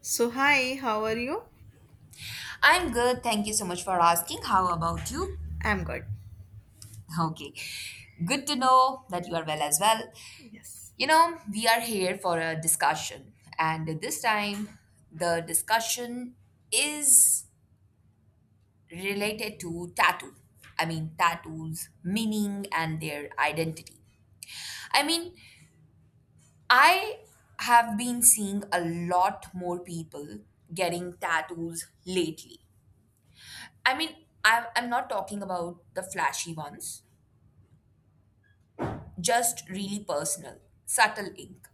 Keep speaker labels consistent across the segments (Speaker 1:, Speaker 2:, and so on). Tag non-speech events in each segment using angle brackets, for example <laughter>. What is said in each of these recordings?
Speaker 1: So, hi, how are you?
Speaker 2: I'm good. Thank you so much for asking. How about you? <laughs>
Speaker 1: I'm good.
Speaker 2: Okay. Good to know that you are well as well.
Speaker 1: Yes.
Speaker 2: You know, we are here for a discussion, and this time the discussion is related to tattoo. Tattoos, meaning, and their identity. I mean, I have been seeing a lot more people getting tattoos lately. I mean, I'm not talking about the flashy ones, just really personal, subtle ink.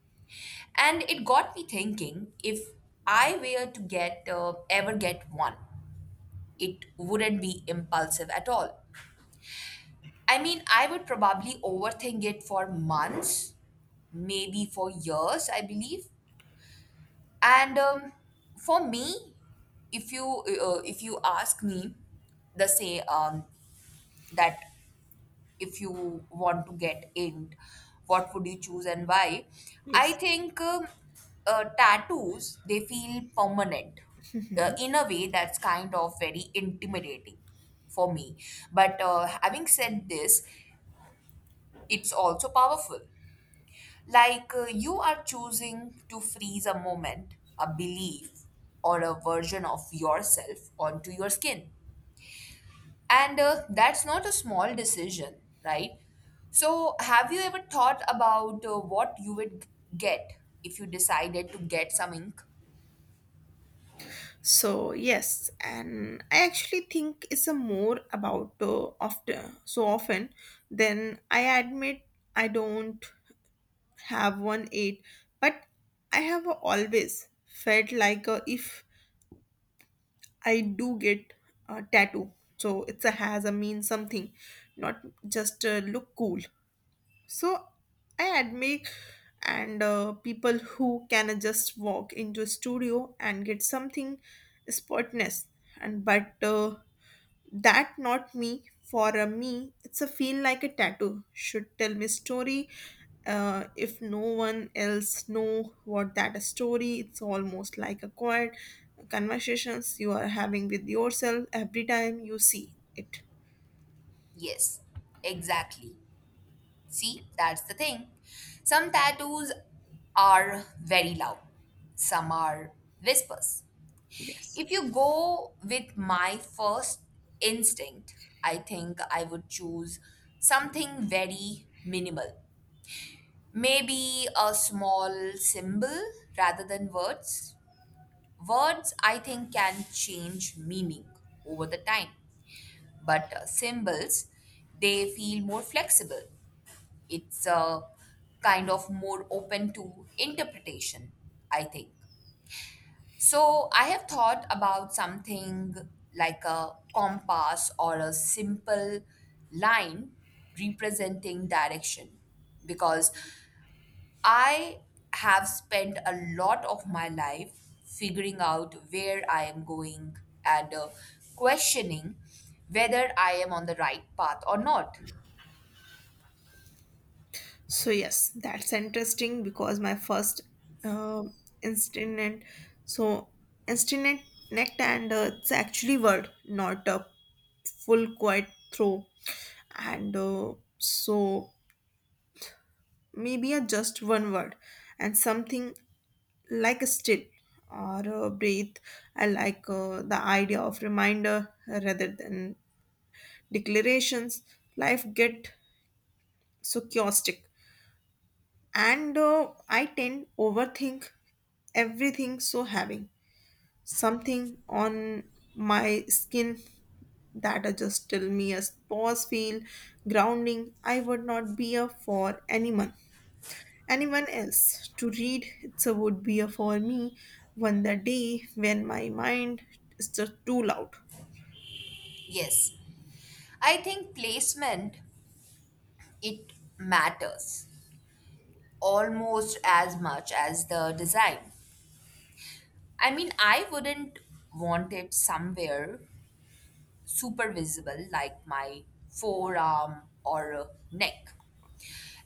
Speaker 2: And it got me thinking, if I were to get ever get one, it wouldn't be impulsive at all. I mean, I would probably overthink it for months, maybe for years, I believe. And For me, if you if you ask me, the say that if you want to get inked, what would you choose and why? i
Speaker 1: Yes.
Speaker 2: think um, uh, tattoos, they feel permanent, in a way that's kind of very intimidating for me. But, having said this, it's also powerful. Like, you are choosing to freeze a moment, a belief, or a version of yourself onto your skin, and that's not a small decision, right? So, have you ever thought about what you would get if you decided to get some ink?
Speaker 1: So, yes, and I actually think it's a more about often so often than I admit. I don't have one eight, but I have always felt like if I do get a tattoo, so it's a has a mean something, not just look cool. So I admire and people who can just walk into a studio and get something spotless. And but that not me. For me, it's a feel like a tattoo should tell me story. If no one else know what that story, it's almost like a quiet conversations you are having with yourself every time you see it.
Speaker 2: Yes, exactly. See, that's the thing. Some tattoos are very loud, some are whispers.
Speaker 1: Yes.
Speaker 2: If you go with my first instinct, I think I would choose something very minimal. Maybe a small symbol rather than words. Words, I think, can change meaning over the time, but, symbols, they feel more flexible. It's kind of more open to interpretation, I think. So, I have thought about something like a compass or a simple line representing direction, because I have spent a lot of my life figuring out where I am going, and questioning whether I am on the right path or not.
Speaker 1: So yes, that's interesting because my first uh, instinct, so instinct necked, and it's actually word not a full quiet throw, and so maybe a just one word and something like a still or breathe. I like the idea of reminder rather than declarations. Life get so chaotic, and I tend overthink everything, so having something on my skin that are just tell me a pause feel grounding. I would not be a for anyone else to read, it's a would be a for me one the day when my mind is just too loud.
Speaker 2: Yes, I think placement, it matters almost as much as the design. I mean, I wouldn't want it somewhere super visible, like my forearm or, neck.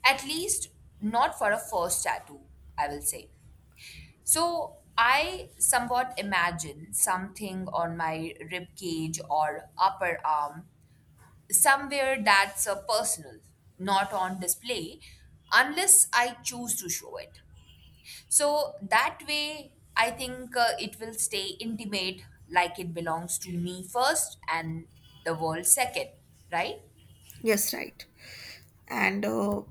Speaker 2: At least not for a first tattoo, I will say. So I somewhat imagine something on my rib cage or upper arm, somewhere that's personal, not on display, unless I choose to show it. So that way, I think it will stay intimate, like it belongs to me first and the world second, right?
Speaker 1: Yes, right, and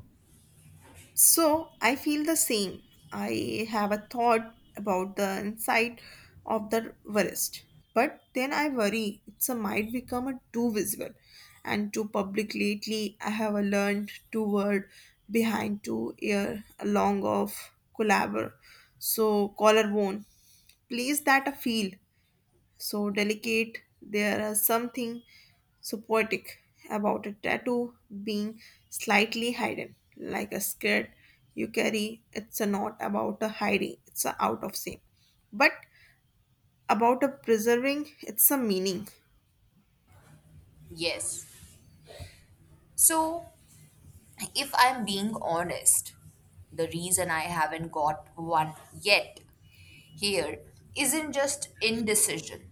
Speaker 1: so I feel the same. I have a thought about the inside of the wrist, but then I worry it's a might become a too visible and too public. Lately, I have a learned two word behind two ear along of collabor, so collarbone. Place that a feel so delicate. There are something so poetic about a tattoo being slightly hidden, like a skirt you carry. It's a not about a hiding, it's a out of shame, but about a preserving, it's a meaning.
Speaker 2: Yes. So, if I'm being honest, the reason I haven't got one yet here isn't just indecision.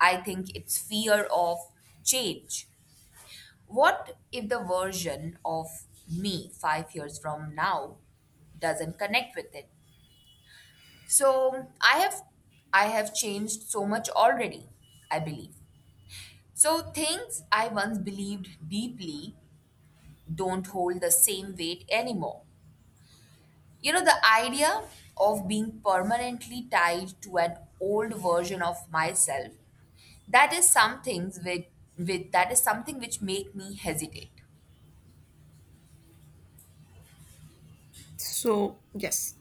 Speaker 2: I think it's fear of change. What if the version of me 5 years from now doesn't connect with it? So I have changed so much already, I believe. So things I once believed deeply don't hold the same weight anymore. You know, the idea of being permanently tied to an old version of myself, that is something with, that is something which make me hesitate.
Speaker 1: So, yes.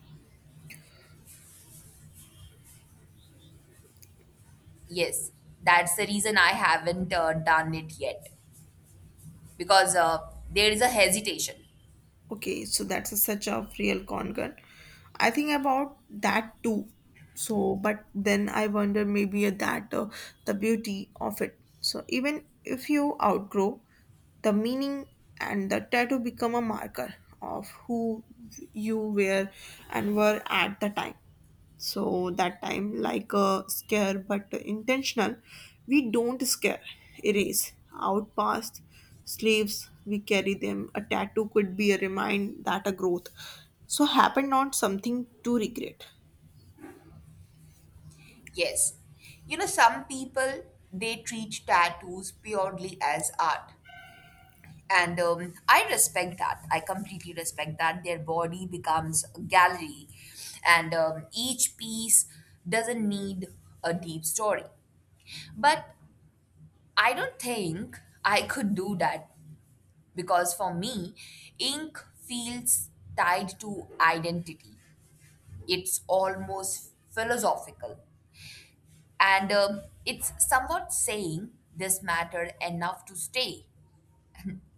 Speaker 2: Yes, that's the reason I haven't done it yet, because, there is a hesitation.
Speaker 1: Okay, so that's a, such a real con gun. I think about that too. So, but then I wonder maybe that the beauty of it. So even if you outgrow the meaning, and the tattoo become a marker of who you were and were at the time, so that time like a scare but intentional, we don't scare erase out past sleeves, we carry them. A tattoo could be a remind that a growth so happen, not something to regret.
Speaker 2: Yes. You know, some people, they treat tattoos purely as art. And I respect that. I completely respect that. Their body becomes a gallery, and each piece doesn't need a deep story. But I don't think I could do that, because for me, ink feels tied to identity. It's almost philosophical. And it's somewhat saying this mattered enough to stay.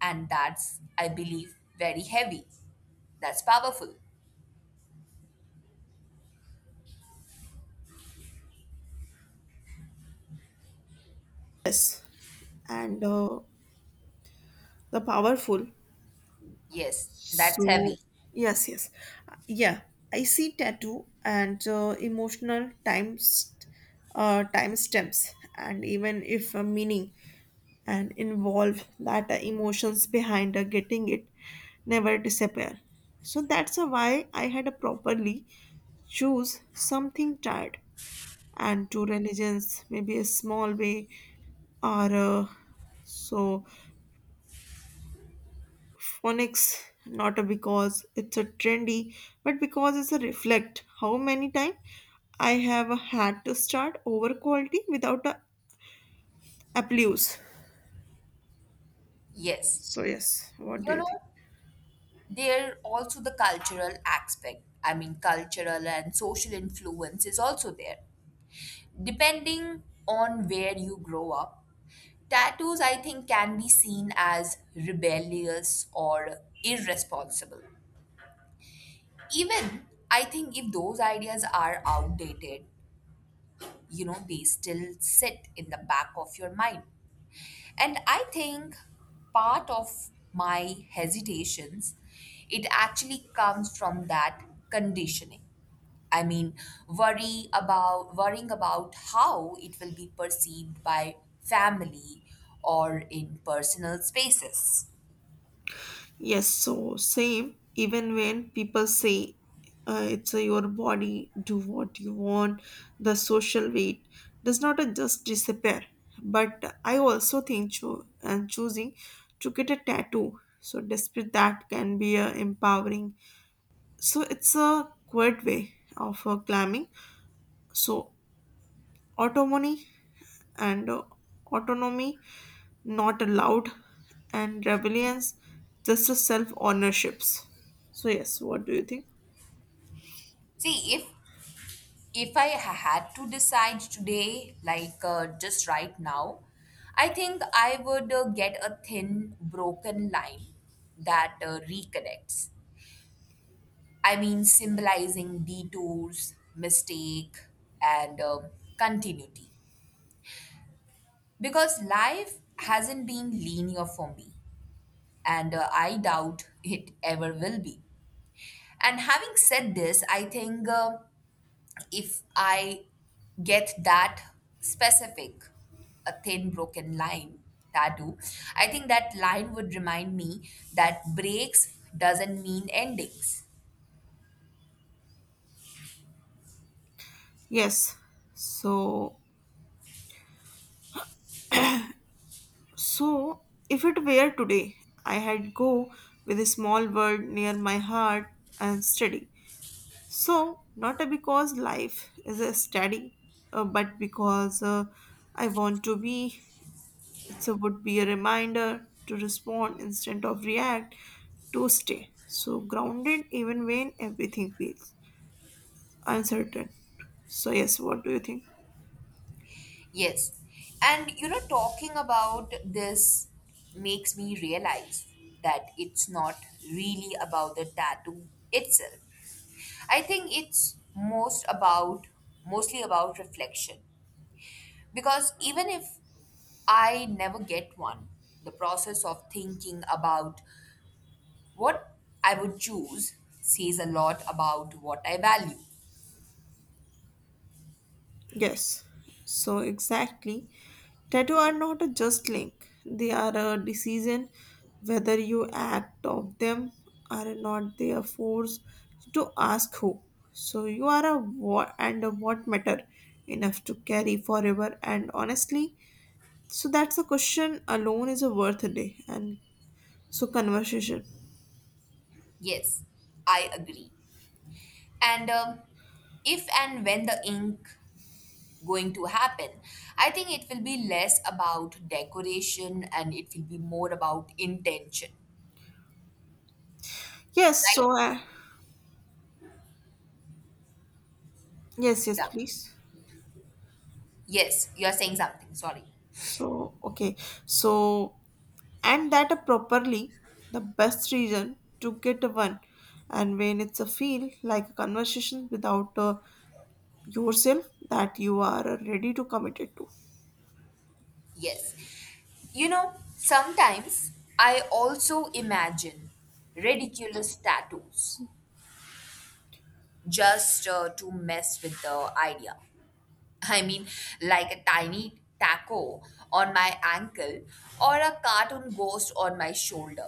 Speaker 2: And that's, I believe, very heavy. That's powerful.
Speaker 1: Yes, and the powerful.
Speaker 2: Yes, that's heavy.
Speaker 1: So yes, yes. Yeah, I see tattoo and emotional times, time stamps, and even if a meaning and involve that, the emotions behind the getting it never disappear. So that's a why I had a properly choose something tired and to religions, maybe a small way, or so phonics, not a because it's a trendy, but because it's a reflect how many time I have had to start over quality without a applause.
Speaker 2: Yes.
Speaker 1: So yes, what do
Speaker 2: You
Speaker 1: you
Speaker 2: know,
Speaker 1: think?
Speaker 2: there also the cultural aspect. I mean, cultural and social influence is also there. Depending on where you grow up, tattoos, I think, can be seen as rebellious or irresponsible. Even I think if those ideas are outdated, you know, they still sit in the back of your mind. And I think part of my hesitations, it actually comes from that conditioning. I mean, worrying about how it will be perceived by family or in personal spaces.
Speaker 1: Yes, so same. Even when people say it's your body, do what you want, the social weight does not just disappear. But I also think cho- and choosing to get a tattoo, so despite that, can be empowering. So it's a quiet way of climbing. So autonomy and autonomy not allowed, and rebellions just as self ownerships. So yes, what do you think?
Speaker 2: See, if I had to decide today, like, just right now, I think I would get a thin, broken line that reconnects. I mean, symbolizing detours, mistake, and continuity. Because life hasn't been linear for me, and I doubt it ever will be. And having said this, I think. If I get that specific, a thin broken line tattoo, I think that line would remind me that breaks doesn't mean endings.
Speaker 1: Yes. So so if it were today, I had go with a small world near my heart and study. So not because life is a study, but because I want to be. It's a would be a reminder to respond instead of react, to stay so grounded even when everything fails. Uncertain. So, yes, what do you think?
Speaker 2: Yes. And you know, talking about this makes me realize that it's not really about the tattoo itself. I think it's most about mostly about reflection. Because even if I never get one, the process of thinking about what I would choose says a lot about what I value.
Speaker 1: Yes, so exactly. Tattoo are not a just link, they are a decision whether you act of them or not. They are forced to ask who. So, you are a what and a what matter enough to carry forever. And honestly, so that's a question alone is a worth a day. And so, conversation.
Speaker 2: Yes, I agree. And if and when the ink going to happen, I think it will be less about decoration and it will be more about intention,
Speaker 1: Yes, so,
Speaker 2: right?
Speaker 1: yes, yes,
Speaker 2: Yeah.
Speaker 1: please.
Speaker 2: Yes, you are saying something. Sorry.
Speaker 1: So, okay, so, and that are properly the best reason to get one, and when it's a feel like a conversation without yourself that you are ready to commit it to.
Speaker 2: Yes. You know, sometimes I also imagine ridiculous tattoos just to mess with the idea. <laughs> I mean, like a tiny taco on my ankle or a cartoon ghost on my shoulder.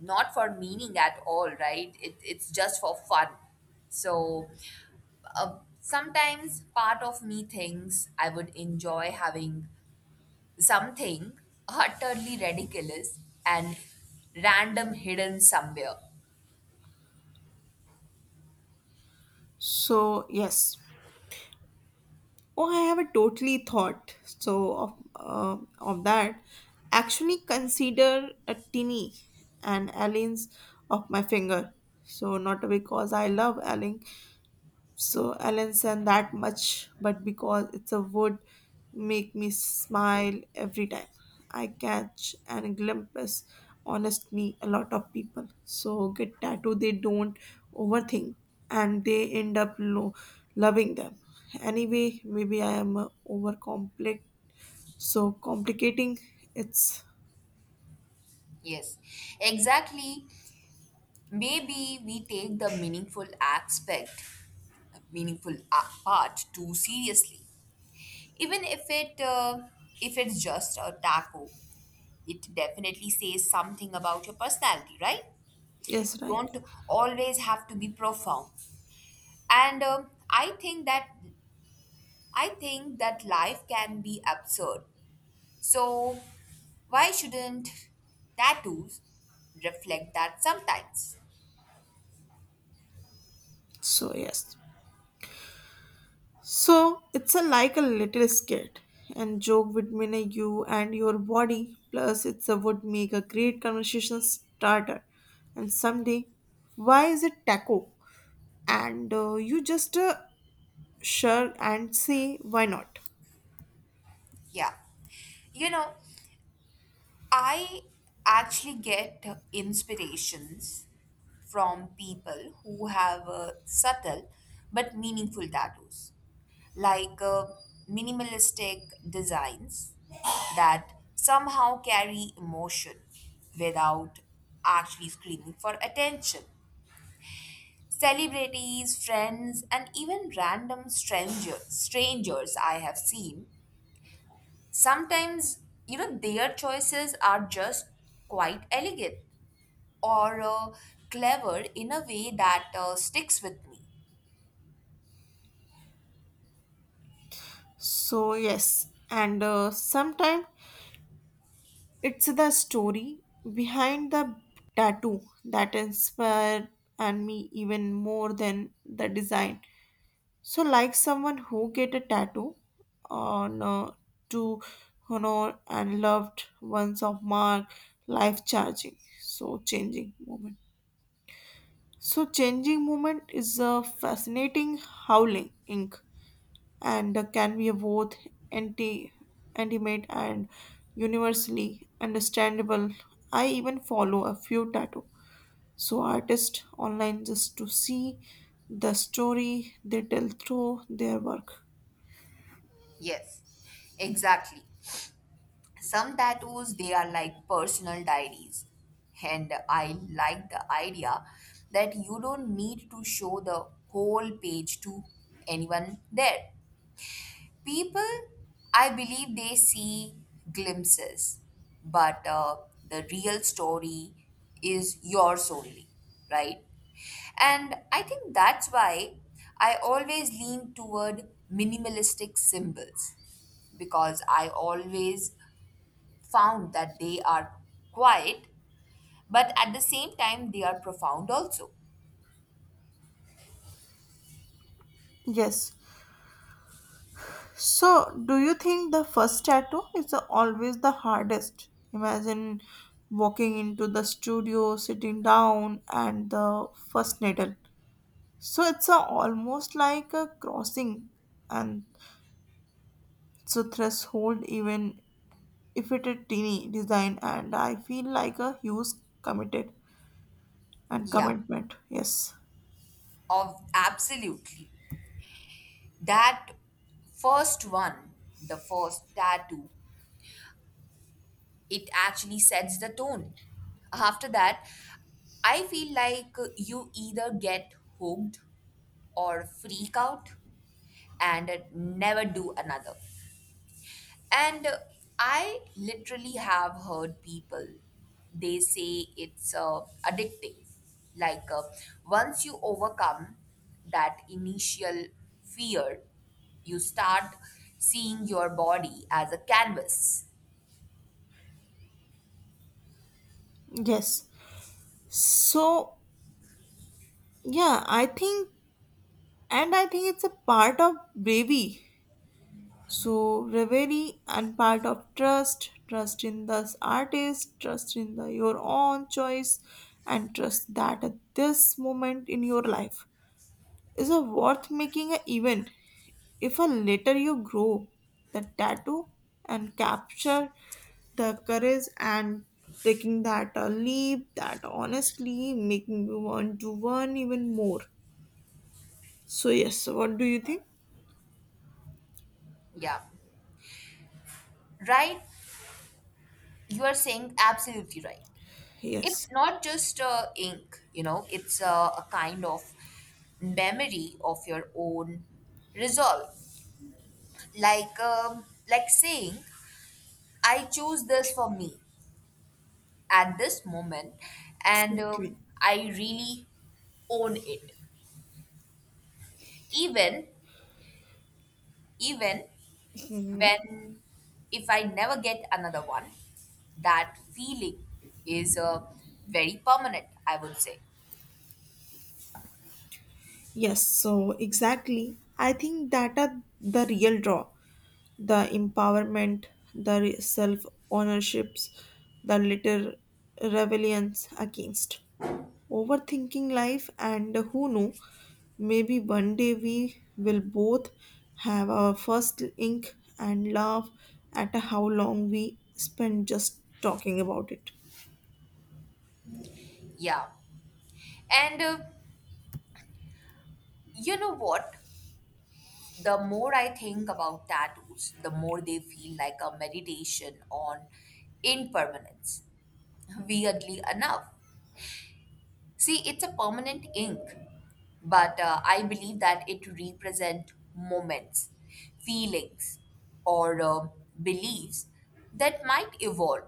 Speaker 2: Not for meaning at all, right? It's just for fun. So, uh, sometimes part of me thinks I would enjoy having something utterly ridiculous and random hidden somewhere.
Speaker 1: So yes, oh I have a totally thought so of of that. Actually consider a tinny an aliens of my finger, so not because I love alien, so Allen's and that much, but because it's a wood, make me smile every time. I catch and glimpse. Honestly, a lot of people, so get tattoo, they don't overthink, and they end up loving them. Anyway, maybe I am over complex, so complicating. It's
Speaker 2: Yes, exactly. Maybe we take the meaningful aspect, part too seriously. Even if it if it's just a taco, it definitely says something about your personality, right?
Speaker 1: yes,
Speaker 2: You
Speaker 1: right.
Speaker 2: don't always have to be profound, and I think that life can be absurd. So, why shouldn't tattoos reflect that sometimes?
Speaker 1: So yes. So it's a, like a little skit and joke between a you and your body. Plus, it's a would make a great conversation starter. And someday, why is it taco? And you just share and say why not.
Speaker 2: Yeah. You know, I actually get inspirations from people who have subtle but meaningful tattoos, like, minimalistic designs that somehow carry emotion without actually screaming for attention. Celebrities, friends, and even strangers I have seen, sometimes, you know, their choices are just quite elegant or, clever in a way that sticks with me.
Speaker 1: So yes, and sometimes it's the story behind the tattoo that inspired and me even more than the design. So, like someone who get a tattoo on to honor and loved ones of mark life charging. So changing moment. So changing moment is a fascinating howling ink and can be both anti intimate and universally understandable. I even follow a few tattoo so artists online just to see the story they tell through their work.
Speaker 2: Yes, exactly. Some tattoos, they are like personal diaries. And I like the idea that you don't need to show the whole page to anyone there. People, I believe they see glimpses, but, the real story is yours only, right? And I think that's why I always lean toward minimalistic symbols, because I always found that they are quiet, but at the same time, they are profound also.
Speaker 1: Yes. So, do you think the first tattoo is always the hardest? Imagine walking into the studio, sitting down, and the first needle. So, it's a, almost like a crossing and so threshold, even if it a teeny design. And I feel like a huge committed and
Speaker 2: Yeah,
Speaker 1: commitment. Yes.
Speaker 2: of absolutely. That first one, the first tattoo, it actually sets the tone. After that, I feel like you either get hooked or freak out and never do another. And I literally have heard people, they say it's, addicting. Like, once you overcome that initial fear, you start seeing your body as a canvas.
Speaker 1: Yes. So, yeah, I think, and I think it's a part of bravery, so reverie and part of trust, trust in the artist, trust in the your own choice, and trust that at this moment in your life is a worth making an event. If a later you grow the tattoo and capture the courage and taking that a leap, that honestly making you want to learn even more. So yes, what do you think?
Speaker 2: Yeah. Right. You are saying absolutely right. It's
Speaker 1: Yes,
Speaker 2: not just ink, you know, it's a kind of memory of your own resolve. Like, um, like saying, I choose this for me at this moment, and
Speaker 1: exactly.
Speaker 2: um, I really own it. Even, even
Speaker 1: Mhm.
Speaker 2: when, if I never get another one, that feeling is very permanent, I would say.
Speaker 1: Yes, so exactly. I think that are the real draw, the empowerment, the self ownerships, the little rebellions against overthinking life, and who know, maybe one day we will both have our first ink and laugh at how long we spend just talking about it.
Speaker 2: Yeah. And You know what? The more I think about tattoos, the more they feel like a meditation on impermanence. Weirdly enough. See, it's a permanent ink, but, I believe that it represents moments, feelings, or, beliefs that might evolve.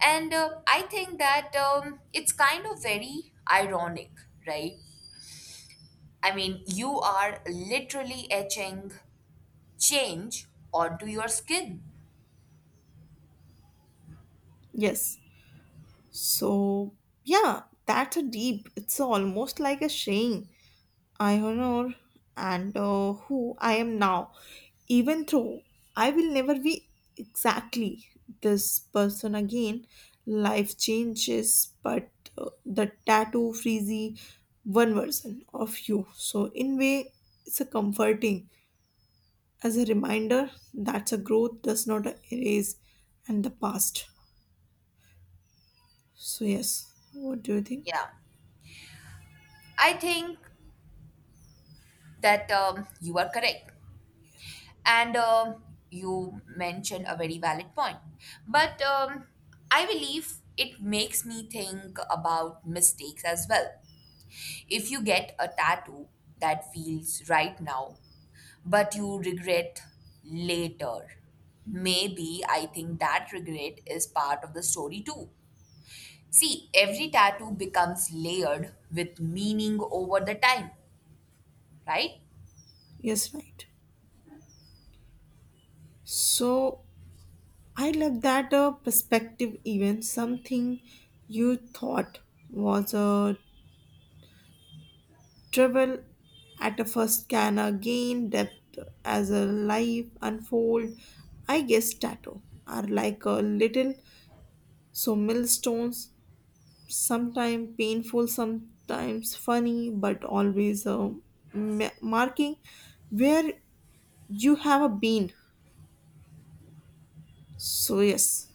Speaker 2: And I think that it's kind of very ironic, right? I mean, you are literally etching change onto your skin.
Speaker 1: Yes. So, yeah, that's a deep. It's almost like a saying I and who I am now, even though I will never be exactly this person again. Life changes, but the tattoo freezy one version of you. So in way, it's a comforting as a reminder that a growth does not erase and the past. So yes, what do you think?
Speaker 2: Yeah, I think that you are correct. And you mentioned a very valid point. But, I believe it makes me think about mistakes as well. If you get a tattoo that feels right now, but you regret later, maybe I think that regret is part of the story too. See, every tattoo becomes layered with meaning over the time, right?
Speaker 1: Yes, right. So I love that perspective, even something you thought was a trivial at a first can gain depth as a life unfold. I guess tattoo are like a little so millstones, sometimes painful, sometimes funny, but always marking where you have a been. So yes,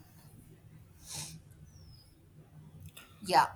Speaker 2: Yeah.